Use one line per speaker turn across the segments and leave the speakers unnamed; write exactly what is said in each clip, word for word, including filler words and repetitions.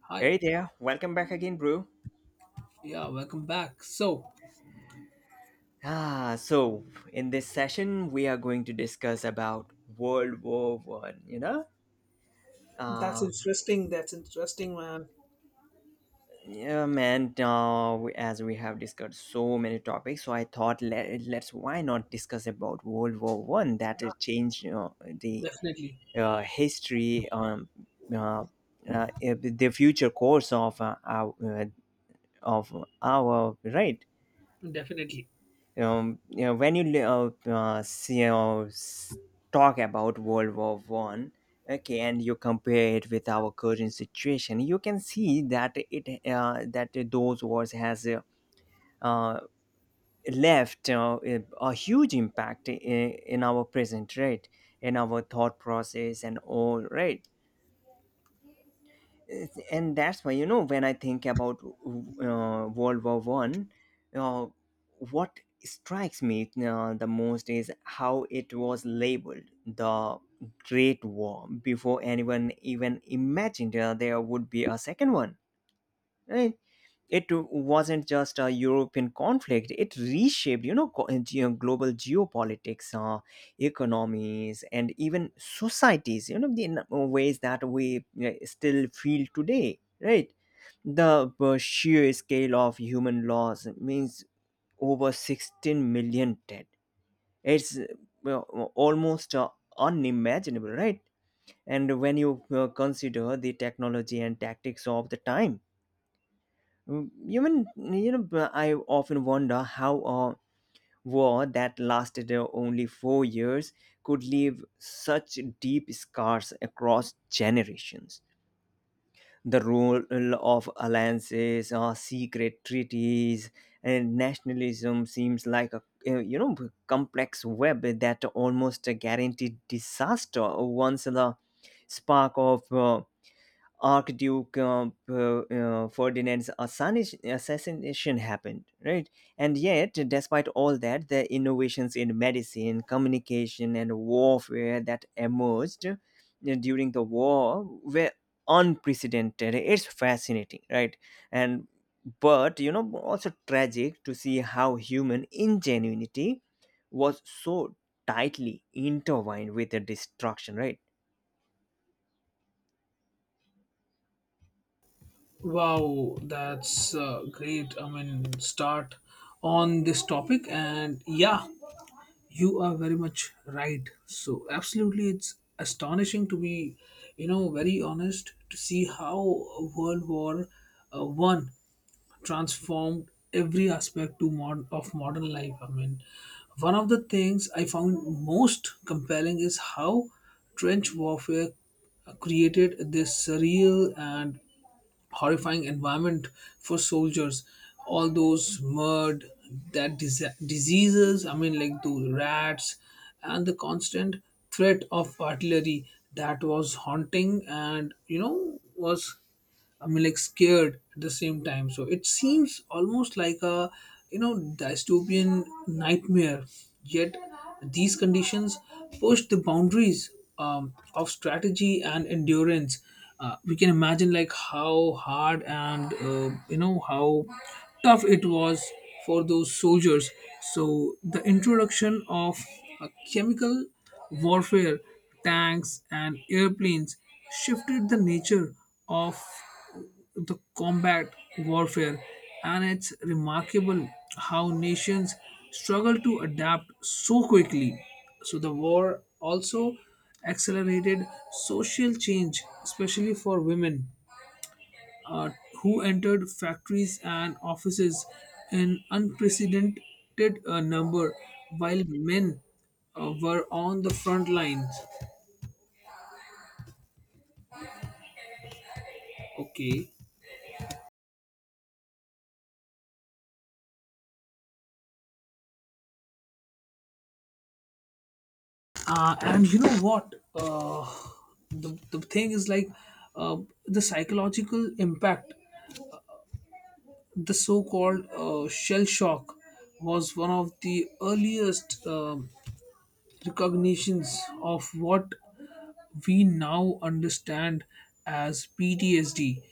Hi.
Hey there, welcome back again, bro.
Yeah, welcome back. So,
Ah, so in this session we are going to discuss about World War One. You know,
that's
uh,
interesting. That's interesting, man.
yeah, man. Uh, we- as we have discussed so many topics, so I thought let, let's why not discuss about World War One that it changed, you know, the
Definitely,
uh, history, um, uh, uh, the future course of uh, our uh, of our right.
definitely.
Um, you know, when you li- uh, uh, see, you know, s- talk about World War One, okay, and you compare it with our current situation. You can see that it uh, that those wars has uh, uh, left uh, a a huge impact in, in our present, right, in our thought process and all, right. It's- and that's why, you know, when I think about uh, World War One, uh, what strikes me uh, the most is how it was labeled the great war before anyone even imagined uh, there would be a second one, right? It wasn't just a European conflict. It reshaped, you know, co- geo- global geopolitics, uh, economies, and even societies, you know, in ways that we uh, still feel today, right. The uh, sheer scale of human loss means over sixteen million dead. It's uh, well, almost uh, unimaginable, right. And when you uh, consider the technology and tactics of the time. Mm. Even you know, b- I often wonder how a war that lasted uh, only four years could leave such deep scars across generations. The role of alliances, uh, secret treaties, and nationalism seems like a uh, you know complex web that almost guaranteed disaster once the spark of. uh, Archduke uh, uh, uh, Ferdinand's assassini- assassination happened, right? And yet, despite all that, the innovations in medicine, communication, and warfare that emerged uh, during the war were unprecedented. It's fascinating, right? And but you know, also tragic to see how human ingenuity was so tightly intertwined with the destruction, right?
Wow, that's uh, great. I mean, start on this topic, and yeah, you are very much right. So, absolutely, it's astonishing to be, you know, very honest to see how World War uh, One transformed every aspect to mod- of modern life. I mean, one of the things I found most compelling is how trench warfare created this surreal and horrifying environment for soldiers, all those mud, that dise diseases, I mean, like those rats and the constant threat of artillery that was haunting, and you know was, I mean, like scared at the same time. So it seems almost like a, you know, dystopian nightmare. Yet these conditions push the boundaries um, of strategy and endurance. Uh, we can imagine like how hard and uh, you know how tough it was for those soldiers. So the introduction of a chemical warfare, tanks and airplanes shifted the nature of the combat warfare, and it's remarkable how nations struggle to adapt so quickly. So, the war also accelerated social change, especially for women uh, who entered factories and offices in unprecedented uh, number, while men uh, were on the front lines. Okay. uh, and you know what, uh, the, the thing is like, uh, the psychological impact, the so-called uh, shell shock, was one of the earliest um recognitions of what we now understand as P T S D,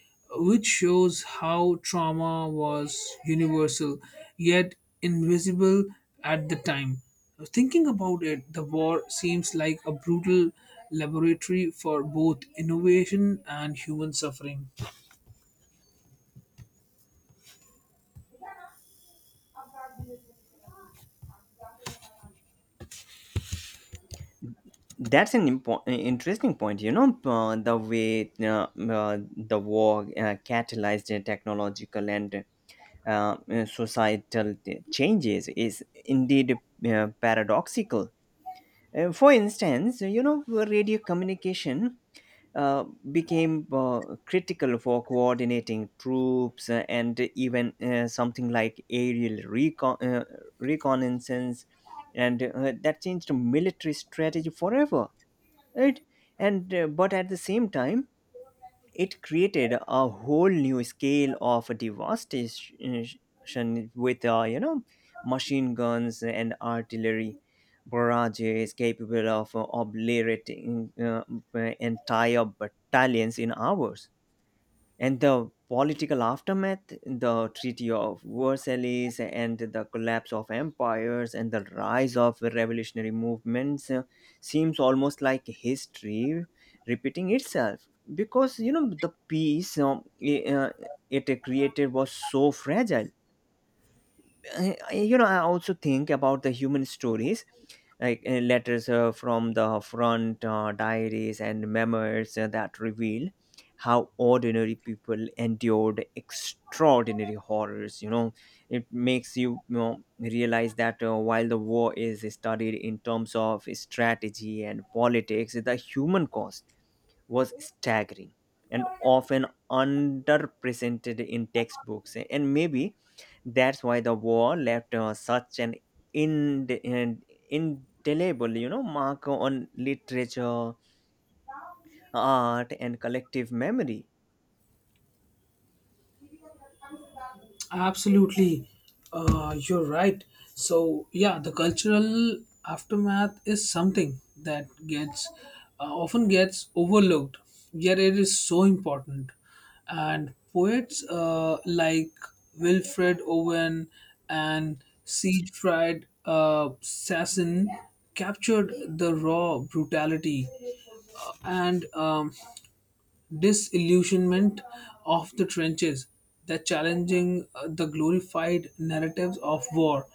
which shows how trauma was universal yet invisible at the time. Thinking about it, the war seems like a brutal laboratory for both innovation and human suffering.
That's an impo- interesting point. You know, uh, the way uh, uh, the war uh, catalyzed the technological and uh, uh, societal changes is indeed uh, paradoxical. Uh, for instance, you know, radio communication uh, became uh, critical for coordinating troops uh, and even uh, something like aerial recon- uh, reconnaissance, and uh, that changed military strategy forever, right. And uh, but at the same time, it created a whole new scale of devastation with, uh, you know, machine guns and artillery barrages capable of uh, obliterating uh, entire battalions in hours. And the political aftermath, the Treaty of Versailles and the collapse of empires and the rise of revolutionary movements uh, seems almost like history repeating itself, because you know the peace um, i- uh, it created was so fragile. I- I- you know, I also think about the human stories, like uh, letters uh, from the front, uh, diaries and memoirs uh, that reveal how ordinary people endured extraordinary horrors, you know. It makes you, you know, realize that uh, while the war is studied in terms of strategy and politics, the human cost was staggering and often underrepresented in textbooks. And maybe that's why the war left uh, such an ind- and indelible, you know, mark on literature, art, and collective memory.
Absolutely, uh, you're right. So yeah, the cultural aftermath is something that gets uh, often gets overlooked, yet it is so important. And poets uh, like Wilfred Owen and Siegfried uh, Sassoon captured the raw brutality uh, and um, disillusionment of the trenches, that challenging uh, the glorified narratives of war.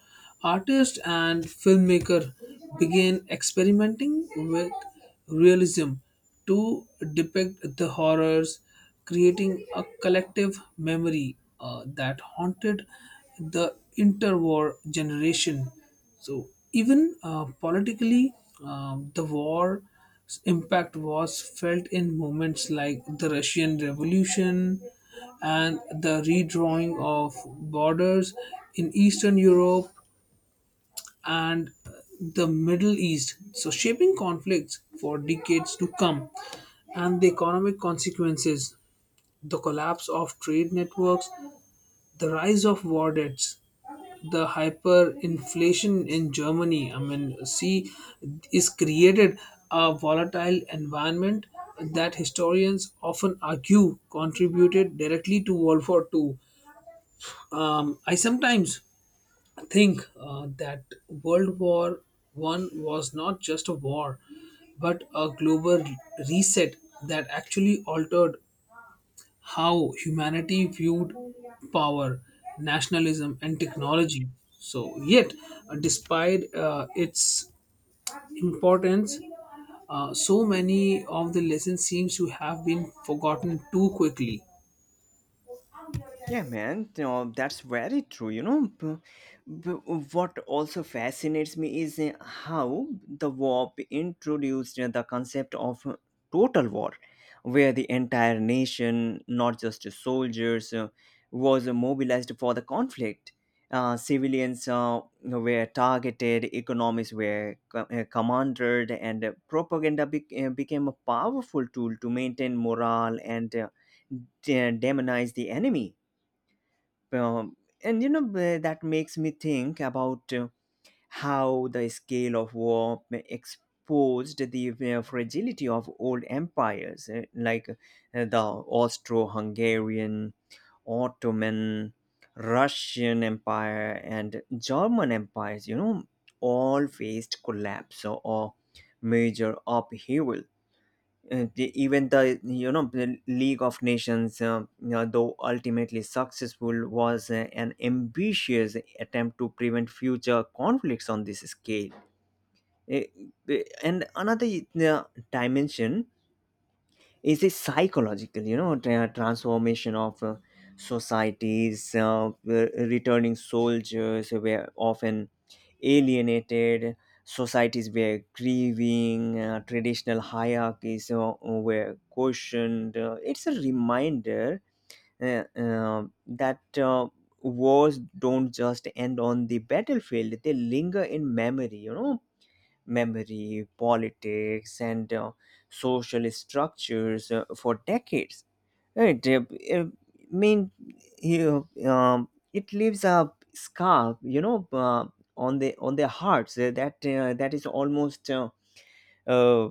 Artists and filmmaker began experimenting with realism to depict the horrors, creating a collective memory uh, that haunted the interwar generation. So even uh, politically, uh, the war's impact was felt in moments like the Russian Revolution and the redrawing of borders in Eastern Europe and uh, the Middle East, so shaping conflicts for decades to come. And the economic consequences, the collapse of trade networks, the rise of war debts, the hyperinflation in Germany, I mean, see, is created a volatile environment that historians often argue contributed directly to World War Two. Um, I sometimes think uh, that World War One was not just a war, but a global reset that actually altered how humanity viewed power, nationalism, and technology. So, yet, uh, despite uh, its importance, uh, so many of the lessons seems to have been forgotten too quickly.
Yeah, man, you know, that's very true. You know, B- b- what also fascinates me is uh, how the war introduced uh, the concept of uh, total war, where the entire nation, not just the soldiers, uh, was uh, mobilized for the conflict. Uh, civilians uh, were targeted, economies were co- uh, commanded, and uh, propaganda bec- uh, became a powerful tool to maintain morale and uh, de- demonize the enemy. Um, and you know b- that makes me think about uh, how the scale of war exposed the uh, fragility of old empires, uh, like uh, the Austro-Hungarian, Ottoman, Russian empire, and German empires, you know, all faced collapse or or major upheaval. Uh, the- even the you know the League of Nations, um, you know, though ultimately successful, was uh, an ambitious attempt to prevent future conflicts on this scale. Eh, eh, And another uh, dimension is a psychological, you know, tra- transformation of uh, societies. Uh, the returning soldiers were often alienated, societies were grieving, uh, traditional hierarchies uh, were questioned. Uh, it's a reminder uh, uh, that uh, wars don't just end on the battlefield, they linger in memory, you know, memory, politics, and uh, social structures uh, for decades. Right? uh, I mean, you, um, it leaves a scar, you know, uh, on the on their hearts uh, that uh, that is almost uh, uh,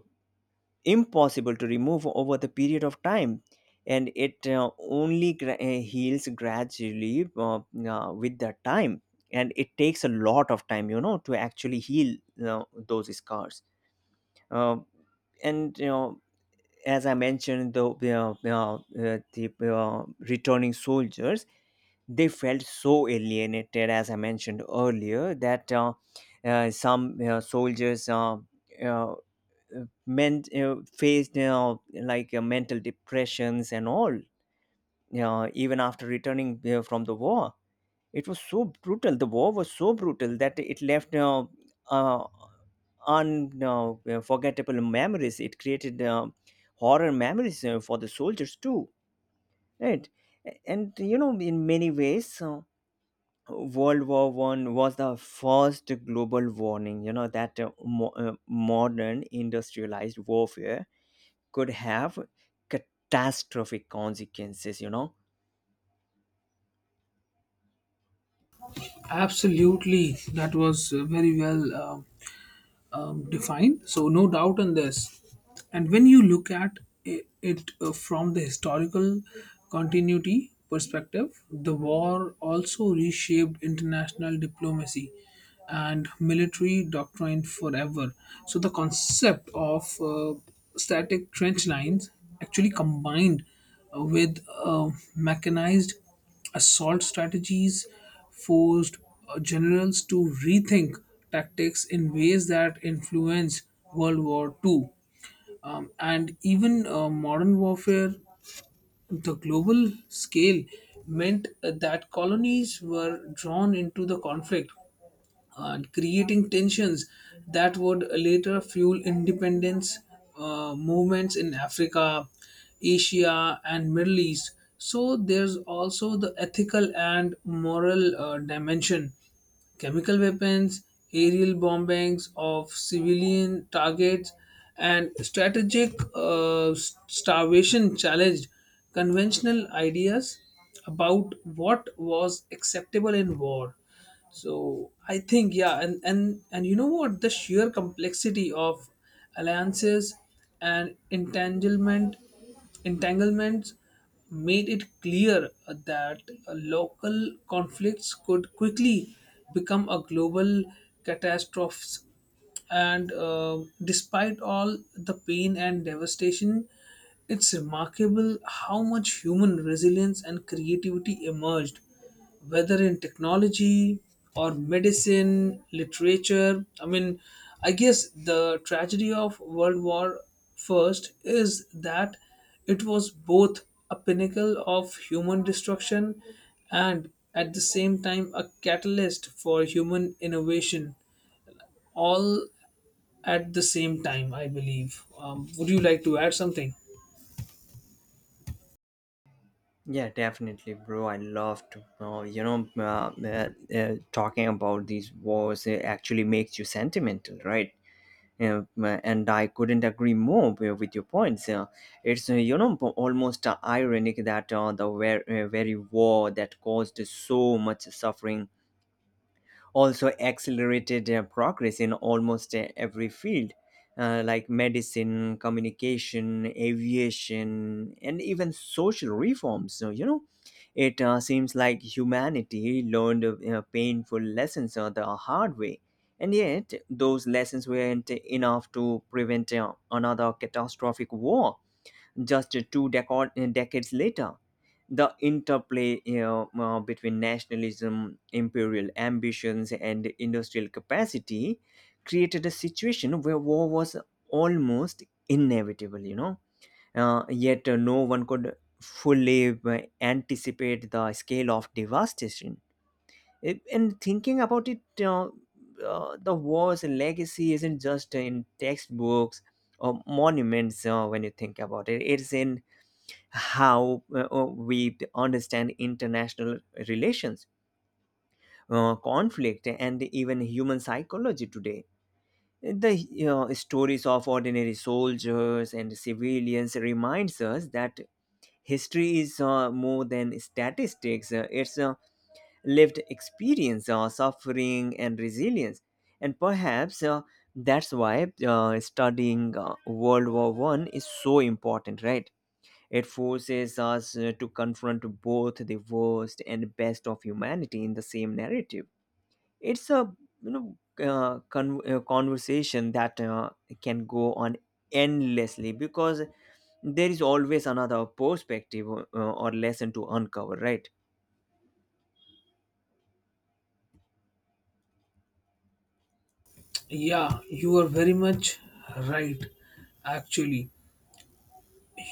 impossible to remove over the period of time. And it uh, only gra- uh, heals gradually, uh, uh, with the time, and it takes a lot of time, you know, to actually heal uh, those scars. Uh, and you know as I mentioned, the, you know, uh, the uh, returning soldiers, they felt so alienated, as I mentioned earlier, that uh, uh, some uh, soldiers uh, uh, meant uh, faced, you know, like uh, mental depressions and all, you know, even after returning uh, from the war. It was so brutal. The war was so brutal that it left uh, uh, unforgettable memories. It created uh, horror memories uh, for the soldiers too, right? A- And you know, in many ways, uh, World War One was the first global warning, you know, that uh, mo- uh, modern industrialized warfare could have catastrophic consequences, you know.
Absolutely, that was uh, very well. um um, defined. So no doubt on this. And when you look at i- it uh, from the historical continuity perspective, the war also reshaped international diplomacy and military doctrine forever. So the concept of uh, static trench lines actually combined uh, with uh, mechanized assault strategies forced uh, generals to rethink tactics in ways that influenced World War two. Um, and even uh, modern warfare, the global scale meant uh, that colonies were drawn into the conflict and creating tensions that would later fuel independence uh, movements in Africa, Asia, and Middle East. So there's also the ethical and moral uh, dimension. Chemical weapons, aerial bombings of civilian targets, and strategic uh, s- starvation challenged conventional ideas about what was acceptable in war. So I think, yeah, and and and you know what, the sheer complexity of alliances and entanglement entanglements made it clear that local conflicts could quickly become a global catastrophe. And uh, despite all the pain and devastation, it's remarkable how much human resilience and creativity emerged, whether in technology or medicine, literature. I mean, I guess the tragedy of World War First is that it was both a pinnacle of human destruction and at the same time a catalyst for human innovation, all at the same time, I believe. Um, would you like to add something?
Yeah, definitely, bro. I love to know, you know, uh, uh, uh, talking about these wars, it actually makes you sentimental, right? Uh, and I couldn't agree more wi- with your points. Uh, it's, uh, you know, po- almost uh, ironic that uh, the ver- uh, very war that caused so much suffering also accelerated uh, progress in almost uh, every field, uh, like medicine, communication, aviation, and even social reforms. So, you know, it uh, seems like humanity learned uh, painful lessons uh, the hard way. And yet, those lessons weren't enough to prevent uh, another catastrophic war just two decod- decades later. The interplay, you know, uh, between nationalism, imperial ambitions, and industrial capacity created a situation where war was almost inevitable, you know. Uh, yet uh, no one could fully uh, anticipate the scale of devastation. It- and thinking about it, uh, uh, the war's legacy isn't just in textbooks or monuments. Uh, when you think about it, it's in how uh, uh, we understand international relations, uh, conflict, and even human psychology today. The, you know, stories of ordinary soldiers and civilians reminds us that history is uh, more than statistics. Uh, it's a lived experience, uh, suffering, and resilience. And perhaps uh, that's why uh, studying uh, World War One is so important, right? It forces us uh, to confront both the worst and best of humanity in the same narrative. It's a, you know, uh, con- uh, conversation that uh, can go on endlessly, because there is always another perspective uh, or lesson to uncover, right?
Yeah, you are very much right, actually.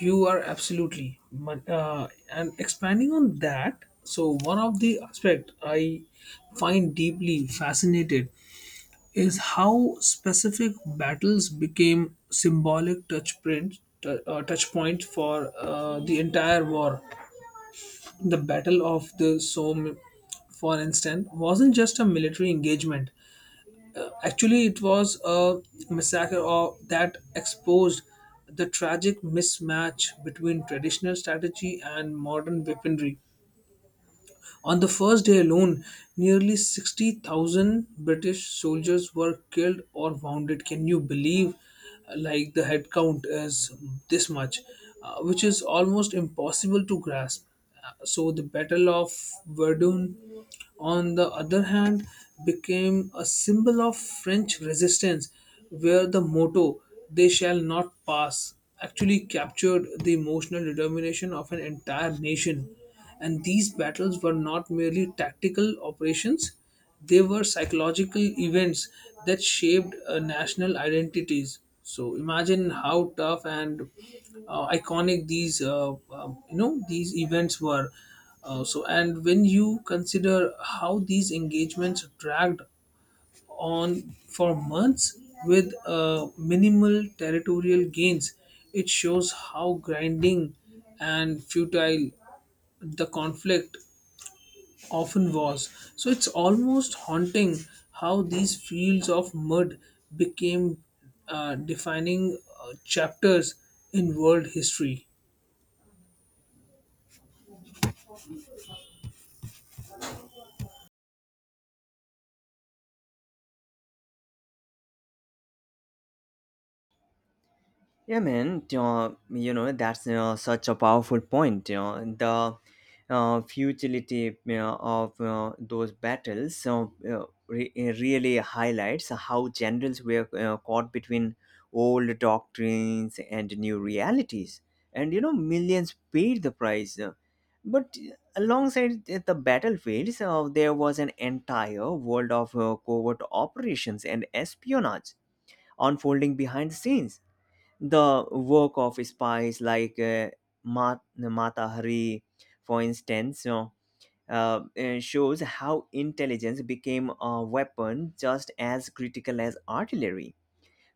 You are absolutely. But, Uh, and expanding on that, so one of the aspect I find deeply fascinated is how specific battles became symbolic touch print, t- uh, touch points for uh, the entire war. The Battle of the Somme, for instance, wasn't just a military engagement. Actually, it was a massacre of, that exposed the tragic mismatch between traditional strategy and modern weaponry. On the first day alone, nearly sixty thousand British soldiers were killed or wounded. Can you believe? Like the head count is this much, uh, which is almost impossible to grasp. Uh, So the Battle of Verdun, on the other hand, became a symbol of French resistance, where the motto "They shall not pass" actually captured the emotional determination of an entire nation. And these battles were not merely tactical operations, they were psychological events that shaped uh, national identities. So imagine how tough and uh, iconic these uh, um, you know these events were. Uh, so and when you consider how these engagements dragged on for months with uh, minimal territorial gains, it shows how grinding and futile the conflict often was. So it's almost haunting how these fields of mud became uh, defining uh, chapters in world history.
Yeah, man. Uh, you know, that's uh, such a powerful point. You know, the uh, futility, you know, of uh, those battles, so, uh, re- really highlights how generals were uh, caught between old doctrines and new realities, and you know, millions paid the price. Uh, But alongside the the battlefields, uh, there was an entire world of uh, covert operations and espionage unfolding behind the scenes. The work of spies like uh, Ma- Mata Hari, for instance, you know, uh, uh, shows how intelligence became a weapon just as critical as artillery.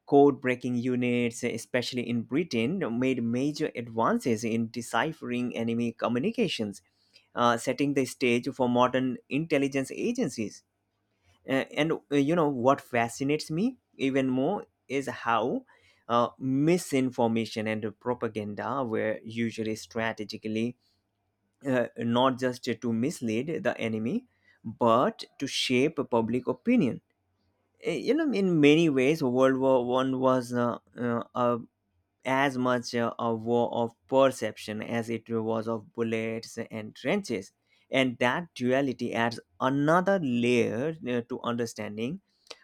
Code breaking units, especially in Britain, made major advances in deciphering enemy communications, uh, setting the stage for modern intelligence agencies. A- and uh, you know, what fascinates me even more is how uh, misinformation and propaganda were usually strategically, uh, not just to mislead the enemy, but to shape public opinion. Uh, you know, in many ways, World War One was, uh, uh, a as much uh, a war of perception as it was of bullets and trenches. And that duality adds another layer uh, to understanding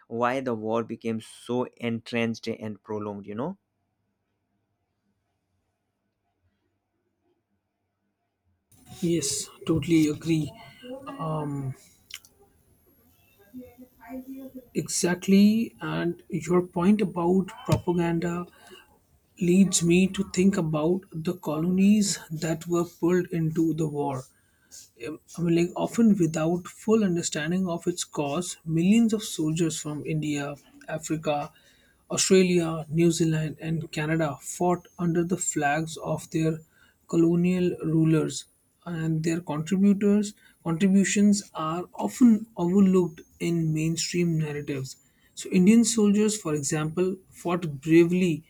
why the war became so entrenched and prolonged, you know.
Yes, totally agree. Um, exactly. And your point about propaganda leads me to think about the colonies that were pulled into the war, um, like often without full understanding of its cause. Millions of soldiers from India, Africa, Australia, New Zealand, and Canada fought under the flags of their colonial rulers, and their contributors contributions are often overlooked in mainstream narratives. So, Indian soldiers, for example, fought bravely,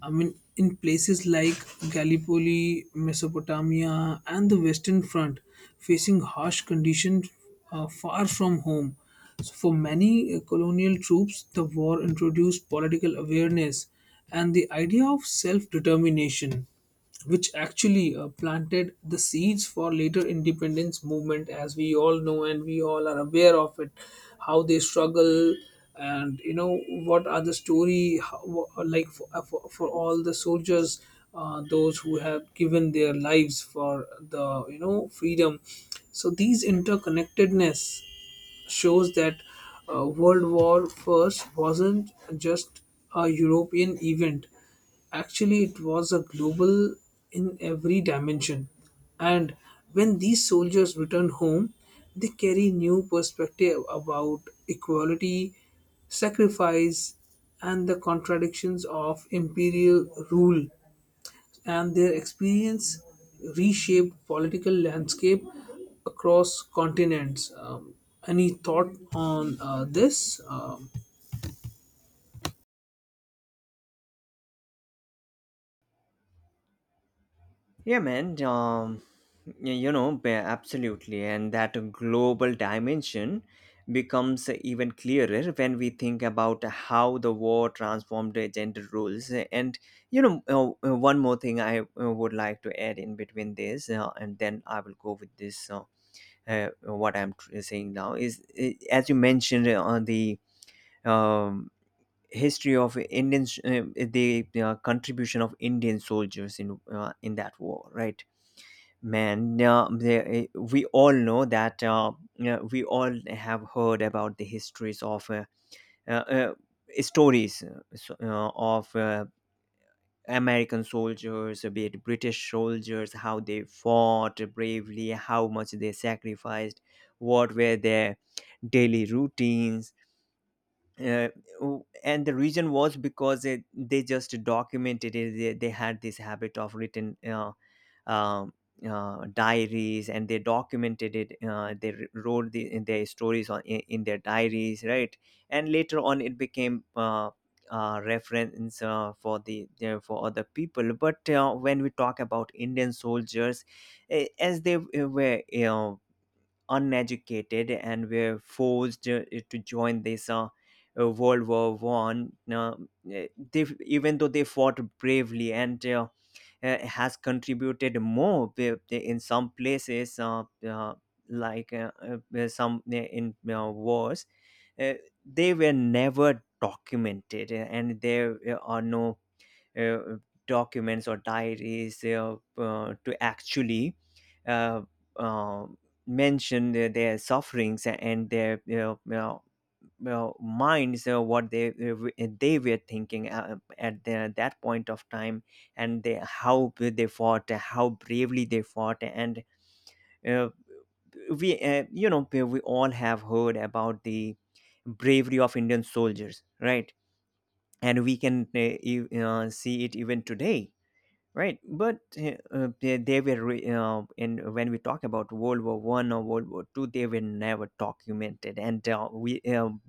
I mean, in places like Gallipoli, Mesopotamia, and the Western Front, facing harsh conditions uh, far from home. So, for many uh, colonial troops, the war introduced political awareness and the idea of self determination, which actually uh, planted the seeds for later independence movement, as we all know, and we all are aware of it. How they struggle, and you know what are the story, how, wha- like for, uh, for, for all the soldiers, uh, those who have given their lives for the you know freedom. So these interconnectedness shows that uh, World War First wasn't just a European event. Actually, it was a global in every dimension. And when these soldiers return home, they carry new perspective about equality, sacrifice, and the contradictions of imperial rule, and their experience reshaped political landscape across continents. Um, any thought on uh, this? Um,
Yeah, man. Um, y- you know, ba- absolutely. And that global dimension becomes even clearer when we think about how the war transformed the gender roles. And, you know, uh, uh, one more thing I uh, would like to add in between this, uh, and then I will go with this. Uh, uh, what I'm tr- saying now is, uh, as you mentioned uh, on the um, history of Indian, uh, the uh, contribution of Indian soldiers in, uh, in that war, right? Man, uh, the- eh, we all know that uh, yeah, we all have heard about the histories of uh, uh, uh, stories uh, so- uh, of uh, American soldiers, uh, be it British soldiers, how they fought bravely, how much they sacrificed, what were their daily routines, uh, w- and the reason was because it, they just documented it they, They had this habit of written uh, um uh, diaries, and they documented it uh, they r- Wrote the, in their stories on in, in their diaries, right? And later on it became uh, uh, reference uh, for the uh, for other people. But uh, when we talk about indian soldiers, eh, as they eh, were, you know, uneducated and were forced, uh, eh, to join this uh, uh, World War One. Uh, eh, they Even though they fought bravely and, uh, eh, has contributed more with- in some places, uh, uh, like uh, uh, eh, some eh, in uh, wars, uh, they were never documented, eh, and there eh, are no uh, documents or diaries uh, uh, to actually uh, uh, mention their, their sufferings and their you know, you know, well, minds uh, what they they were thinking uh, at the, that point of time, and they, how they fought, how bravely they fought. And uh, we uh, you know we all have heard about the bravery of indian soldiers, right? And we can uh, e- uh, see it even today. Right, but eh, uh, they, they were re- uh, in when we talk about World War One or World War Two, they were never documented, and uh, we um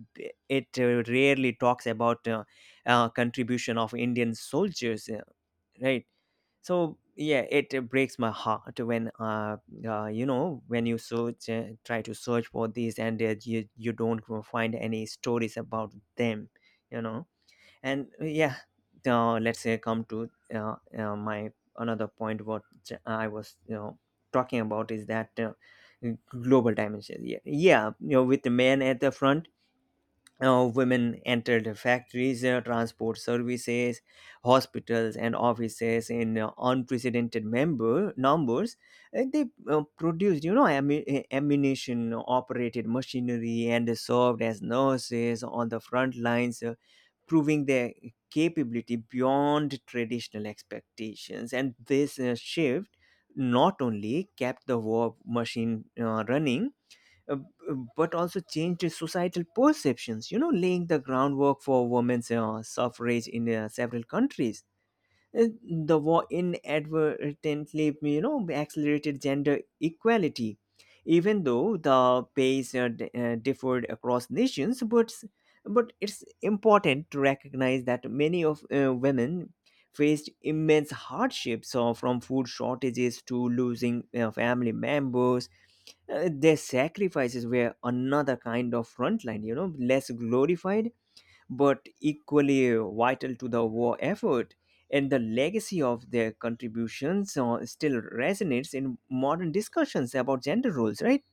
it uh, rarely talks about uh, uh, contribution of Indian soldiers, uh, right? So yeah, it uh, breaks my heart when uh, uh you know when you search, uh, try to search for these, and uh, you you don't find any stories about them, you know and uh, yeah, uh, let's say come to uh, uh, my another point what j- i was you know talking about is that uh, global dimension. Yeah, yeah, you know, with the man at the front, uh, women entered factories, uh, transport services, hospitals, and offices in uh, unprecedented member numbers. Uh, they uh, produced, you know, ammu- uh, ammunition, operated machinery, and served as nurses on the front lines, uh, proving their capability beyond traditional expectations. And this uh, shift not only kept the war machine uh, running, uh, uh, but also changed societal perceptions, you know, laying the groundwork for women's uh, suffrage in uh, several countries. Uh, The war inadvertently, you know, accelerated gender equality, even though the pace uh, d- uh, differed across nations. But but it's important to recognize that many of uh, women faced immense hardships, uh, from food shortages to losing uh, family members. Uh, their sacrifices were another kind of frontline, you know, less glorified but equally vital to the war effort. And the legacy of their contributions uh, still resonates in modern discussions about gender roles, right?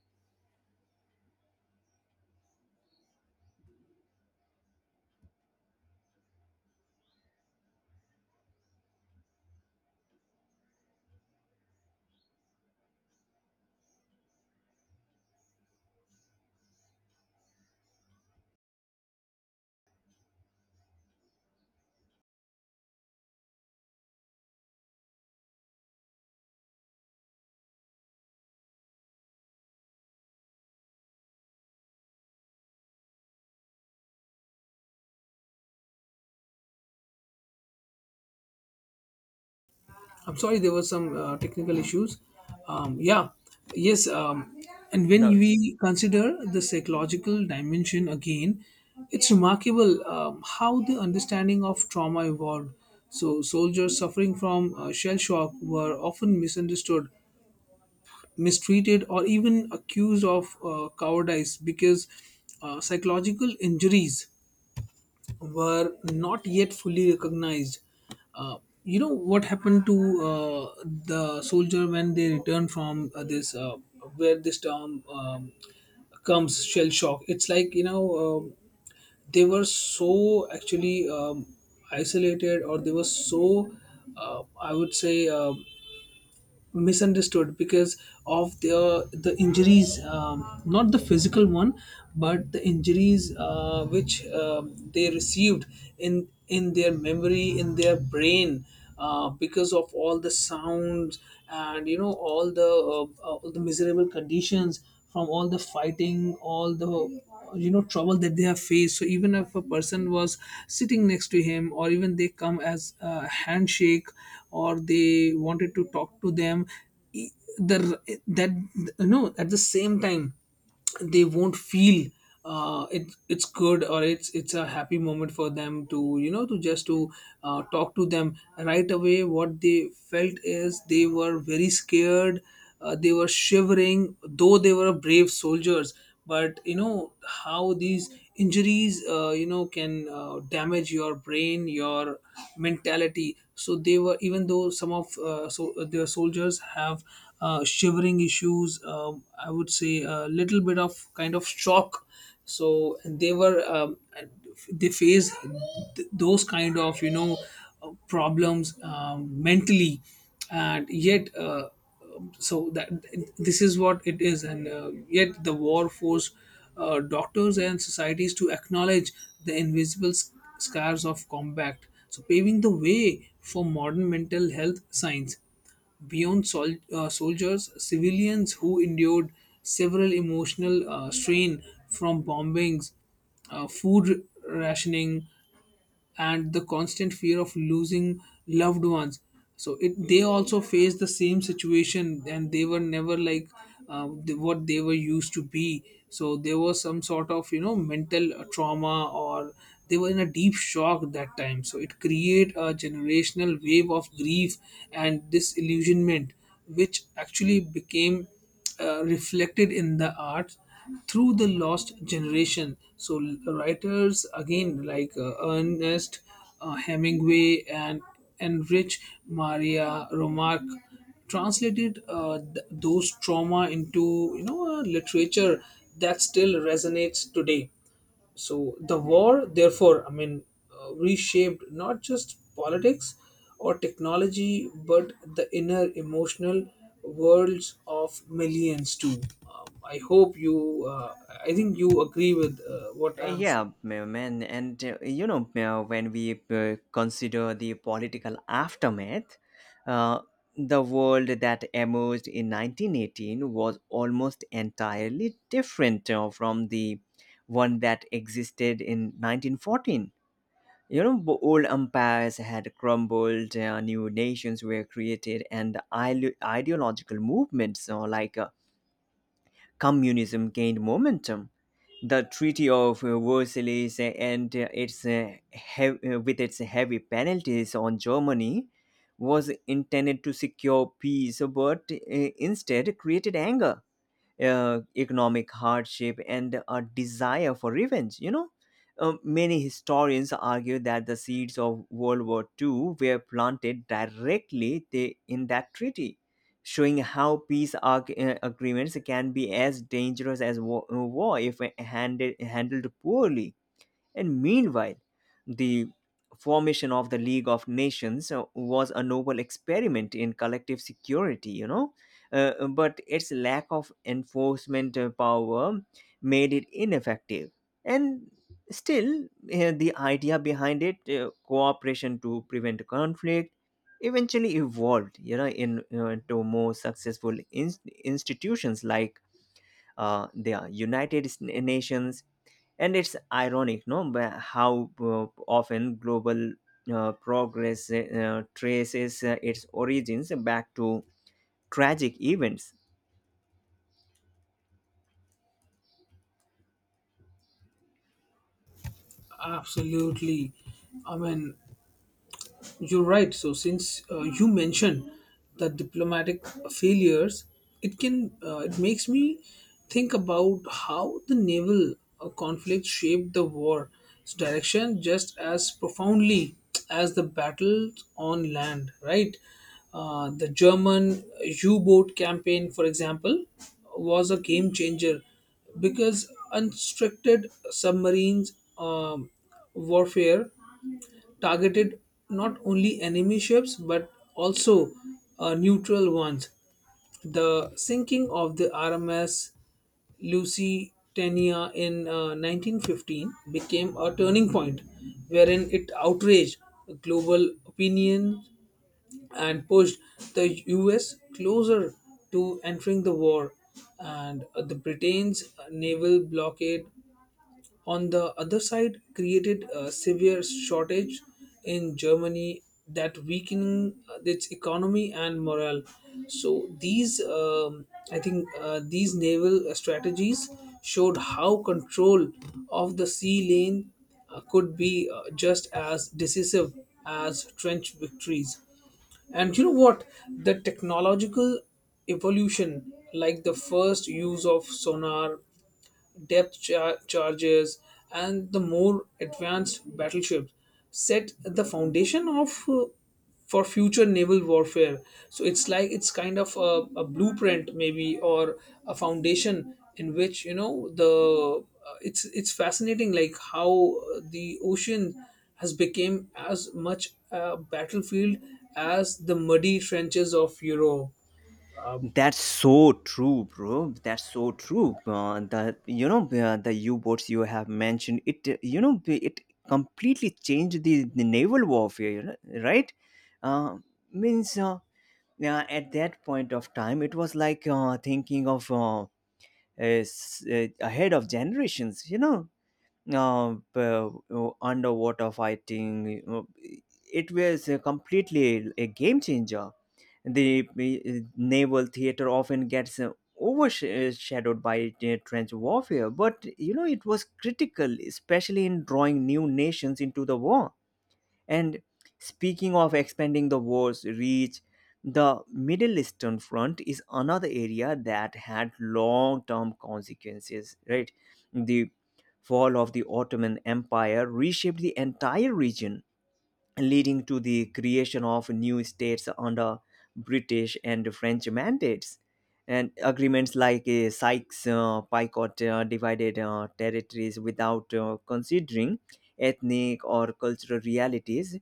I'm sorry, there were some uh, technical issues. Um, yeah, yes, um, and when
No.
we consider the psychological dimension again, it's remarkable um, how the understanding of trauma evolved. So, soldiers suffering from uh, shell shock were often misunderstood, mistreated or even accused of uh, cowardice, because uh, psychological injuries were not yet fully recognized. Uh, you know what happened to uh, the soldier when they returned from uh, this, uh, where this term um, comes, shell shock? It's like, you know, um they were so actually um, isolated, or they were so, uh, I would say, um misunderstood, because of the the injuries, um, not the physical one, but the injuries uh, which um they received in in their memory, in their brain, uh, because of all the sounds, and you know all the uh, uh, all the miserable conditions, from all the fighting, all the you know trouble that they have faced. So even if a person was sitting next to him, or even they come as a handshake, or they wanted to talk to them, e- the that, no, at the same time, they won't feel, uh, it, it's good, or it's it's a happy moment for them to, you know to just to, uh, talk to them right away. What they felt is they were very scared, uh, they were shivering, though they were brave soldiers. But you know how these injuries, uh, you know can uh, damage your brain, your mentality. So they were, even though some of uh, so uh, their soldiers have uh, shivering issues, um, I would say, a little bit of kind of shock. So they were, um, they face th- those kind of, you know, uh, problems, um, mentally. And yet, uh, um, so that this is what it is. And uh, yet the war forced uh, doctors and societies to acknowledge the invisible sc- scars of combat, so paving the way for modern mental health science. Beyond sol- uh, soldiers, civilians who endured several emotional uh, strain from bombings, uh, food rationing, and the constant fear of losing loved ones, so it they also faced the same situation, and they were never like uh, the, what they were used to be. So there was some sort of, you know, mental uh, trauma, or they were in a deep shock that time. So it create a generational wave of grief and disillusionment, which actually became uh, reflected in the art through the lost generation. So writers again like uh, Ernest uh, Hemingway and Enrich Maria Remarque translated uh, th- those trauma into you know uh, literature that still resonates today. So the war, therefore, I mean, uh, reshaped not just politics or technology, but the inner emotional worlds of millions too. Um, I hope you, uh, I think you agree with uh, what I'm saying.
Yeah, ma- man, and uh, you know, uh, when we uh, consider the political aftermath, uh, the world that emerged in nineteen eighteen was almost entirely different uh, from the one that existed in nineteen fourteen. You know, b- old empires had crumbled, uh, new nations were created, and ide- ideological movements uh, like uh, communism gained momentum. The Treaty of uh, Versailles, uh, and uh, its uh, hev- uh, with its heavy penalties on Germany, was intended to secure peace, but uh, instead created anger, uh, economic hardship, and a desire for revenge. You know, Uh, many historians argue that the seeds of World War Two were planted directly the- in that treaty, showing how peace arg- uh, agreements can be as dangerous as wa- uh, war if handed, handled poorly. And meanwhile, the formation of the League of Nations uh, was a noble experiment in collective security, you know, uh, but its lack of enforcement uh, power made it ineffective. And still, uh, the idea behind it, uh, cooperation to prevent conflict, eventually evolved, you know, in, uh, into more successful in- institutions like uh, the United Nations, and it's ironic, no, but how uh, often global uh, progress uh, traces uh, its origins back to tragic events.
Absolutely. I mean, You're right. So, since uh, you mentioned the diplomatic failures, it can uh, it makes me think about how the naval uh, conflict shaped the war's direction just as profoundly as the battles on land. Right, uh, the German U-boat campaign, for example, was a game changer because unrestricted submarines. Um, warfare targeted not only enemy ships but also uh, neutral ones. The sinking of the R M S Lusitania in uh, nineteen fifteen became a turning point wherein it outraged global opinion and pushed the U S closer to entering the war. And uh, the Britain's naval blockade, on the other side, created a severe shortage in Germany that weakening uh, its economy and morale. So these, um, I think, uh, these naval strategies showed how control of the sea lane uh, could be uh, just as decisive as trench victories. And you know what? The technological evolution, like the first use of sonar, depth char- charges, and the more advanced battleships set the foundation of uh, for future naval warfare. So it's like it's kind of a, a blueprint, maybe, or a foundation in which you know the uh, it's it's fascinating like how uh, the ocean has become as much a battlefield as the muddy trenches of Europe.
That's so true, bro. That's so true. Uh, the you know uh, the U-boats, you have mentioned it. uh, You know it completely changed the, the naval warfare, you know, right? Uh, means uh, yeah, at that point of time, it was like, uh, thinking of, Uh, is uh, ahead of generations, you know, uh, uh, underwater fighting, uh, it was uh, completely a game changer. The uh, naval theater often gets uh, overshadowed by uh, trench warfare, but you know it was critical, especially in drawing new nations into the war. And speaking of expanding the war's reach, the Middle Eastern Front is another area that had long term consequences, right? The fall of the Ottoman Empire reshaped the entire region, leading to the creation of new states under British and French mandates. And agreements like uh, Sykes-Picot uh, divided uh, territories without uh, considering ethnic or cultural realities,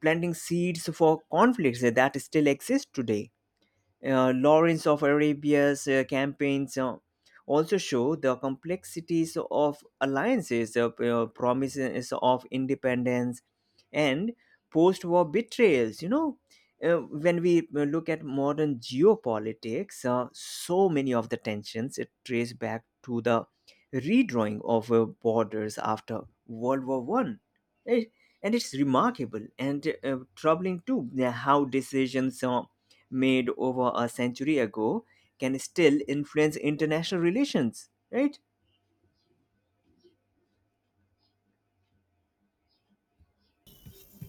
planting seeds for conflicts that still exist today. uh, Lawrence of Arabia's uh, campaigns uh, also show the complexities of alliances, uh, uh, promises of independence, and post war betrayals. You know, uh, when we uh, look at modern geopolitics, uh, so many of the tensions it trace back to the redrawing of uh, borders after World War One. Right? And it's remarkable, and uh, troubling too, uh, how decisions uh, made over a century ago can still influence international relations, right?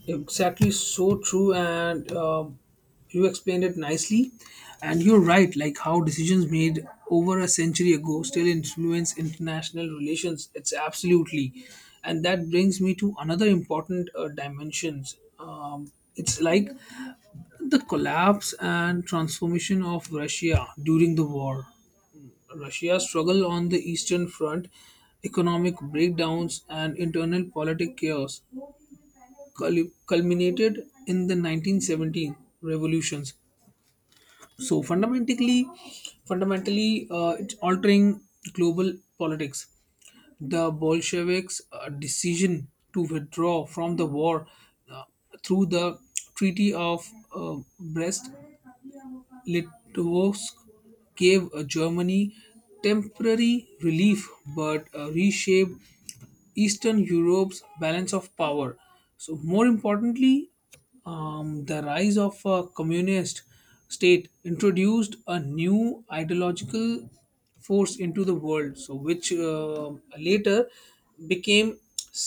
Exactly. So true. And um you explained it nicely, and you're right, like how decisions made over a century ago still influence international relations. It's absolutely. And that brings me to another important uh, dimensions. Um, it's like the collapse and transformation of Russia during the war. Russia's struggle on the Eastern Front, economic breakdowns, and internal politic chaos cul- culminated in the nineteen seventeen revolutions, so fundamentally fundamentally uh, it's altering global politics. The Bolsheviks' uh, decision to withdraw from the war uh, through the Treaty of uh, Brest Litovsk gave uh, Germany temporary relief but uh, reshaped Eastern Europe's balance of power. So, more importantly, um, the rise of a communist state introduced a new ideological force into the world, so which uh, later became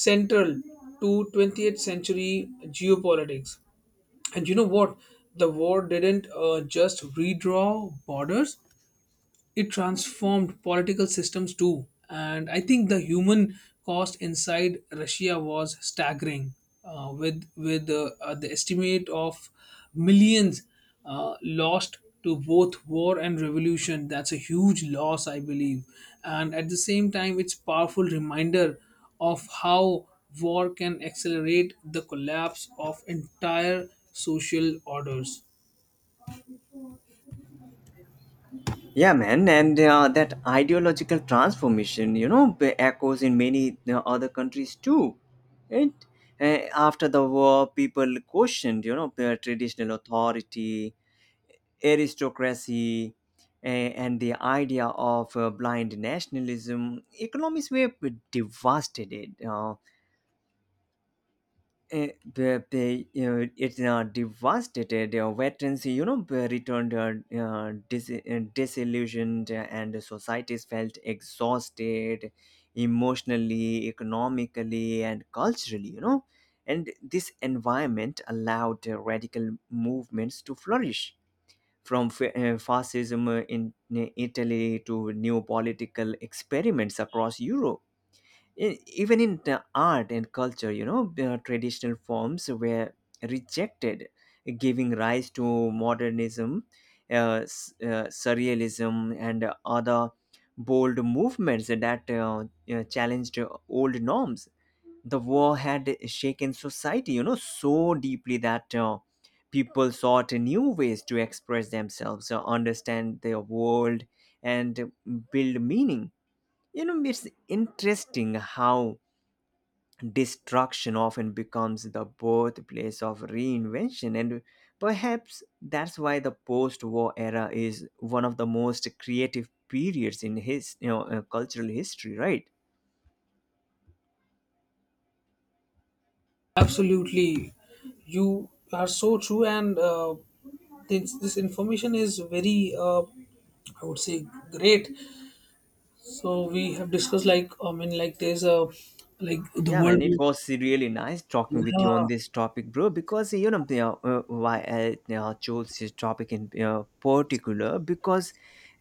central to twentieth century geopolitics. And you know what? The war didn't uh, just redraw borders; it transformed political systems too. And I think the human cost inside Russia was staggering, uh, with with uh, uh, the estimate of millions uh, lost to both war and revolution. That's a huge loss, I believe. And at the same time, it's powerful reminder of how war can accelerate the collapse of entire social orders.
Yeah, man, and uh, that ideological transformation, you know, b- echoes in many uh, other countries too, right? Uh, After the war, people questioned, you know, their traditional authority, aristocracy, a- and the idea of uh, blind nationalism. Economies were devastated. Uh, Uh, the- they, uh, it uh, devastated uh, veterans, you know, b- returned uh, uh, dis- uh, disillusioned, uh, and societies felt exhausted emotionally, economically, and culturally, you know. And this environment allowed uh, radical movements to flourish, from fa- uh, fascism uh, in uh, Italy to new political experiments across Europe. E- even in the art and culture, you know, uh, traditional forms were rejected, giving rise to modernism, uh, s- uh, surrealism, and uh, other bold movements that, uh, uh, challenged uh, old norms. The war had shaken society, you know, so deeply that, uh, people sought new ways to express themselves, uh, understand their world, and build meaning. You know, it's interesting how destruction often becomes the birthplace of reinvention, and perhaps that's why the post-war era is one of the most creative periods in his, you know, uh, cultural history, right?
Absolutely, you are so true, and uh, this, this information is very, uh, I would say, great. So we have discussed like I mean, like there's a like the
Yeah, man, it
world.
was really nice talking with you on
Yeah,
this topic, bro. Because you know you know, uh, why I uh, chose this topic in uh, particular, because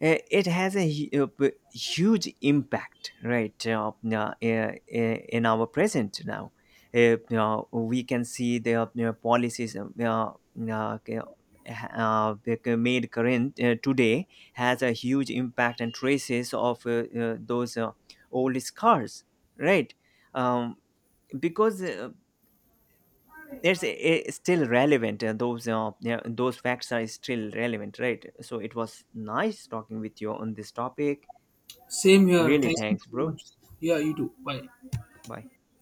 uh, it has a, hu- uh, b- huge impact, right, uh, uh, uh, in our present now. Uh, uh, we can see the uh, uh, policies uh, uh, uh, uh, made current uh, today has a huge impact and traces of uh, uh, those uh, old scars, right? um, because uh, it's uh, still relevant, uh, those uh, yeah, those facts are still relevant, right? So it was nice talking with you on this topic.
same here.
Really
Thank you
thanks,
so
bro.
much. Yeah, you do. Bye.
Bye.